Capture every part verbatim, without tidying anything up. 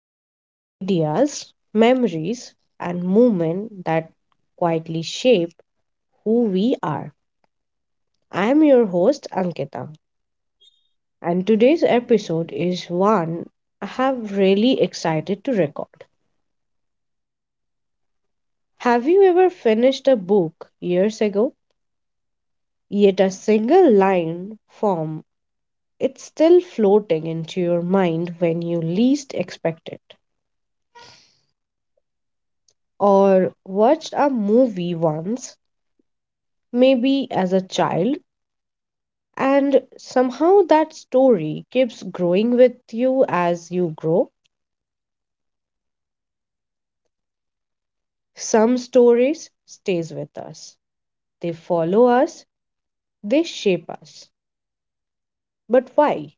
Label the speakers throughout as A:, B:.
A: explore ideas, memories, and movement that quietly shape who we are. I am your host, Ankita, and today's episode is one I have really excited to record. Have you ever finished a book years ago, yet a single line from it's still floating into your mind when you least expect it? Or watched a movie once, maybe as a child, and somehow that story keeps growing with you as you grow. Some stories stays with us. They follow us, they shape us. But why?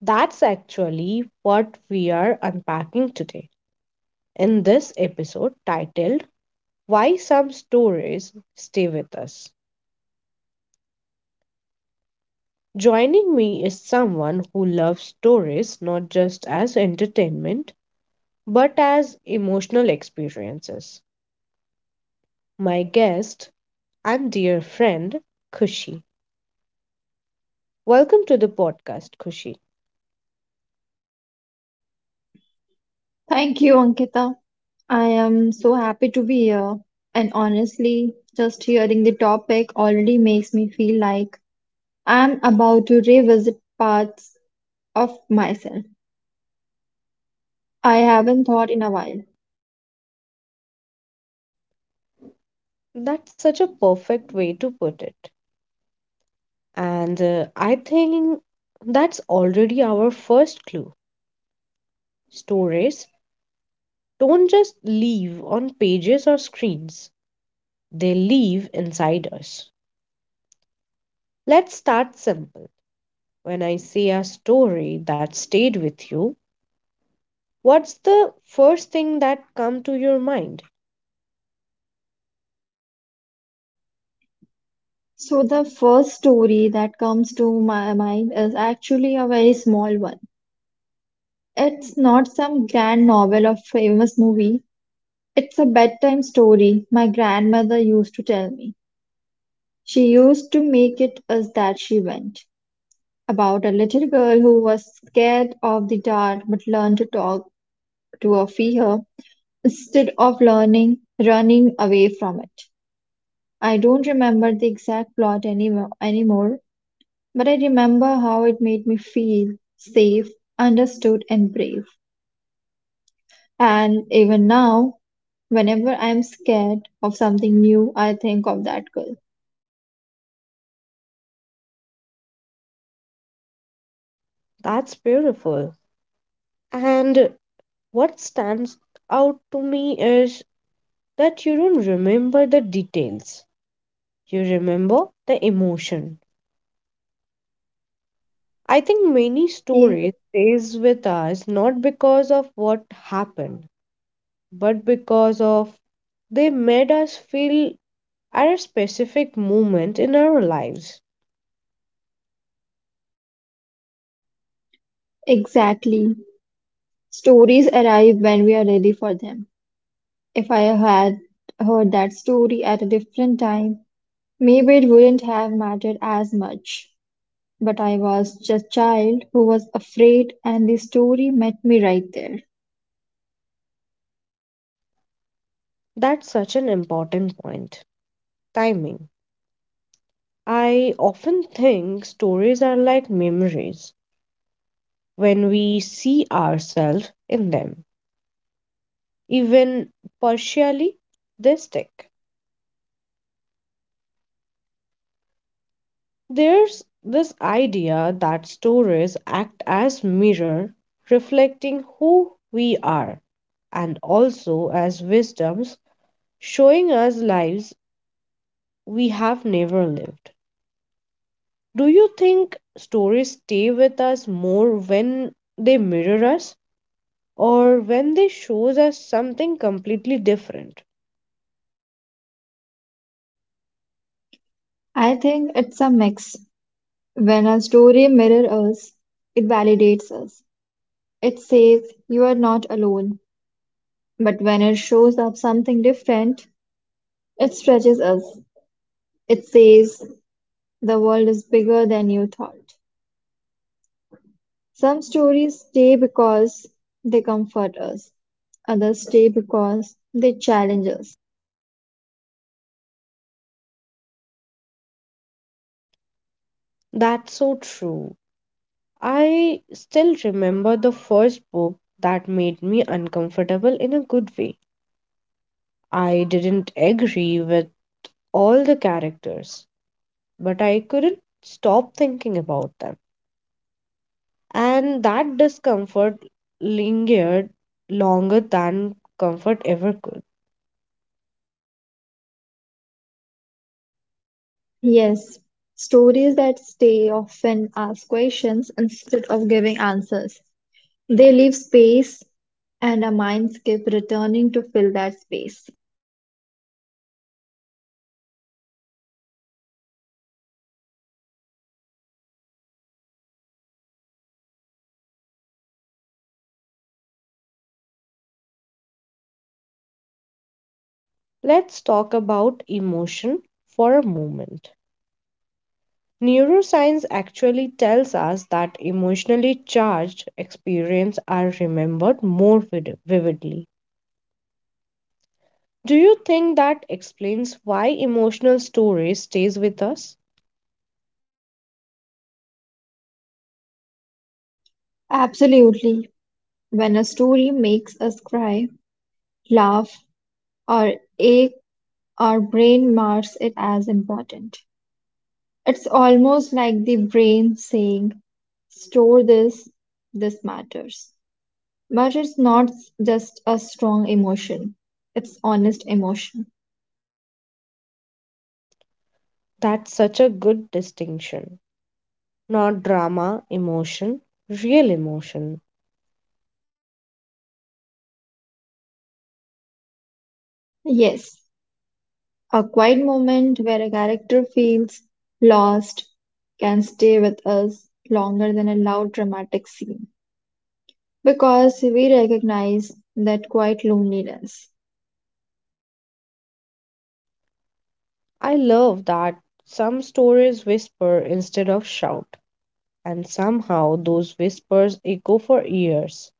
A: That's actually what we are unpacking today in this episode titled Why Some Stories Stay With Us. Joining me is someone who loves stories not just as entertainment but as emotional experiences. My guest and dear friend, Kushi. Welcome to the podcast, Kushi.
B: Thank you, Ankita. I am so happy to be here. And honestly, just hearing the topic already makes me feel like I'm about to revisit parts of myself I haven't thought in a while.
A: That's such a perfect way to put it. And uh, I think that's already our first clue. Stories don't just leave on pages or screens, they leave inside us. Let's start simple. When I see a story that stayed with you, what's the first thing that come to your mind?
B: So, the first story that comes to my mind is actually a very small one. It's not some grand novel or famous movie, it's a bedtime story my grandmother used to tell me. She used to make it as that she went about a little girl who was scared of the dark but learned to talk to her fear instead of learning running away from it. I don't remember the exact plot anymore, anymore, but I remember how it made me feel safe, understood, and brave. And even now, whenever I am scared of something new, I think of that girl.
A: That's beautiful. And what stands out to me is that you don't remember the details. You remember the emotion. I think many
B: Yeah,
A: stories stays with us not because of what happened, but because of they made us feel at a specific moment in our lives.
B: exactly. Stories arrive when we are ready for them. If I had heard that story at a different time, maybe it wouldn't have mattered as much. But I was just a child who was afraid, and the story met me right there.
A: That's such an important point. Timing. I often think stories are like memories when we see ourselves in them, even partially, they stick. There's this idea that stories act as mirror reflecting who we are and also as wisdoms showing us lives we have never lived. Do you think stories stay with us more when they mirror us or when they shows us something completely different?
B: I think it's a mix. When a story mirrors us, it validates us. It says you are not alone. But when it shows up something different, it stretches us. It says the world is bigger than you thought. Some stories stay because they comfort us, others stay because they challenge us.
A: That's so true. I still remember the first book that made me uncomfortable in a good way. I didn't agree with all the characters, but I couldn't stop thinking about them. And that discomfort lingered longer than comfort ever could.
B: Yes, stories that stay often ask questions instead of giving answers. They leave space, and our minds keep returning to fill that space.
A: Let's talk about emotion for a moment. Neuroscience actually tells us that emotionally charged experiences are remembered more vid- vividly. Do you think that explains why emotional story stays with us?
B: Absolutely, when a story makes us cry, laugh, or ache, our brain marks it as important. It's almost like the brain saying, store this, this matters. Matters not just a strong emotion, it's honest emotion.
A: That's such a good distinction. Not drama, emotion, real emotion.
B: Yes, a quiet moment where a character feels lost can stay with us longer than a loud dramatic scene because we recognize that quiet loneliness.
A: I love that some stories whisper instead of shout, and somehow those whispers echo for years.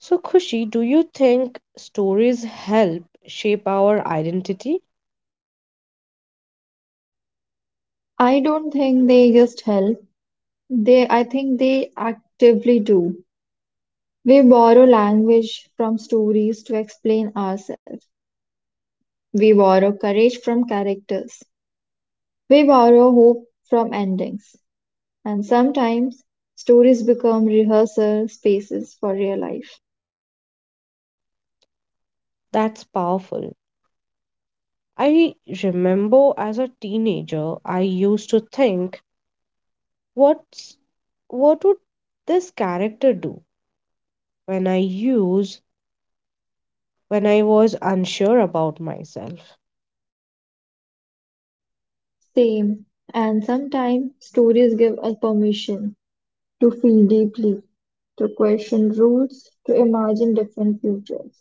A: So, Khushi, do you think stories help shape our identity?
B: I don't think they just help. They, I think they actively do. We borrow language from stories to explain ourselves. We borrow courage from characters. We borrow hope from endings. And sometimes stories become rehearsal spaces for real life.
A: That's powerful. I remember as a teenager, I used to think, what's what would this character do when I use when I was unsure about myself?
B: Same. And sometimes stories give us permission to feel deeply, to question rules, to imagine different futures.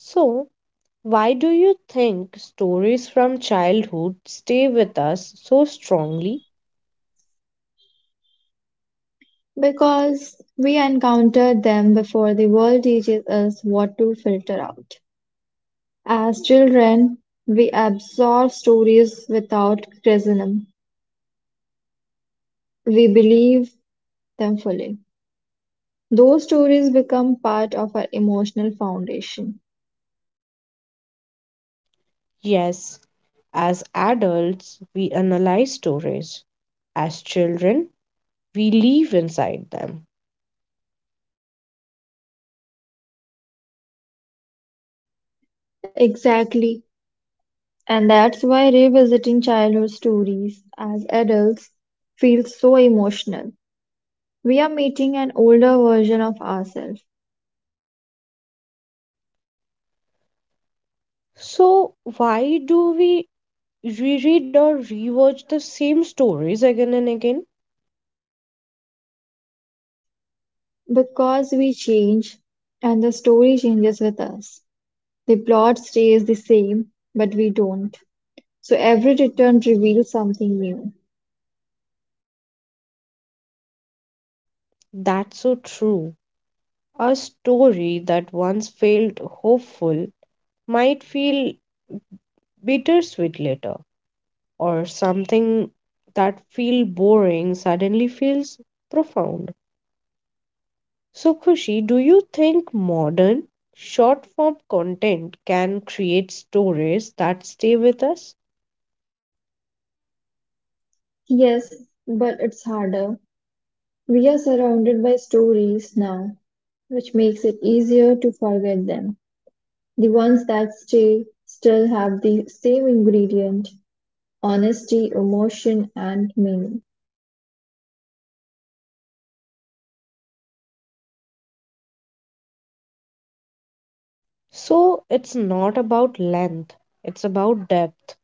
A: So, why do you think stories from childhood stay with us so strongly?
B: Because we encounter them before the world teaches us what to filter out. As children, we absorb stories without criticism. We believe them fully. Those stories become part of our emotional foundation.
A: Yes, as adults, we analyze stories. As children, we live inside them.
B: Exactly. And that's why revisiting childhood stories as adults feels so emotional. We are meeting an older version of ourselves
A: So, why do we reread or rewatch the same stories again and again?
B: because we change and the story changes with us. The plot stays the same, but we don't. So every return reveals something new.
A: That's so true. A story that once felt hopeful might feel bittersweet later, or something that feel boring suddenly feels profound. So, Khushi, do you think modern short form content can create stories that stay with us?
B: Yes, but it's harder. We are surrounded by stories now, which makes it easier to forget them. The ones that stay still have the same ingredient: honesty, emotion, and meaning.
A: So, it's not about length, it's about depth.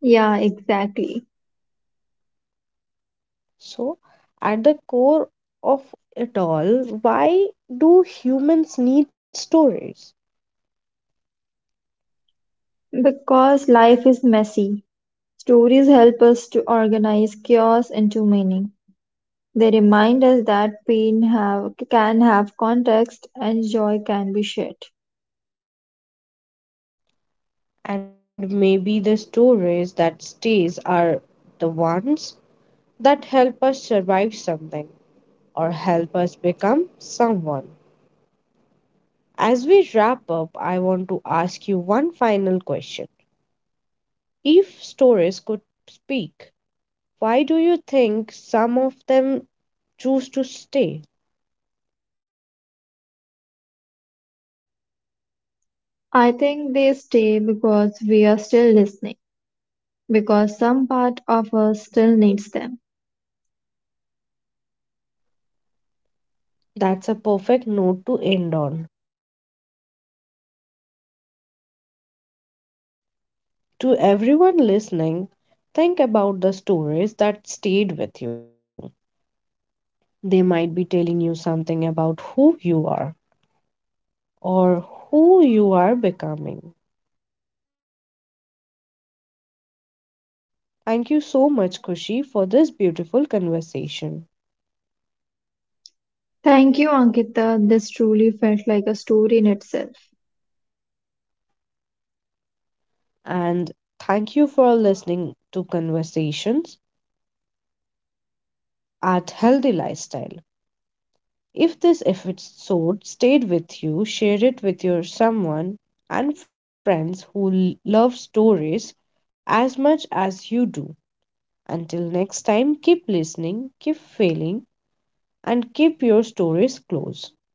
B: Yeah, exactly.
A: So, at the core of it all, why do humans need stories?
B: Because life is messy, stories help us to organize chaos into meaning. They remind us that pain have, can have context and joy can be shared.
A: And maybe the stories that stays are the ones that help us survive something or help us become someone. As we wrap up, I want to ask you one final question. If stories could speak, why do you think some of them choose to stay?
B: I think they stay because we are still listening, because some part of us still needs them.
A: That's a perfect note to end on. To everyone listening, think about the stories that stayed with you. They might be telling you something about who you are or who you are becoming. Thank you so much, Kushi, for this beautiful conversation.
B: Thank you, Ankita. This truly felt like a story in itself.
A: And thank you for listening to Conversations at Healthy Lifestyle. If this episode stayed with you, share it with your someone and friends who l- love stories as much as you do. Until next time, keep listening, keep failing, and keep your stories close.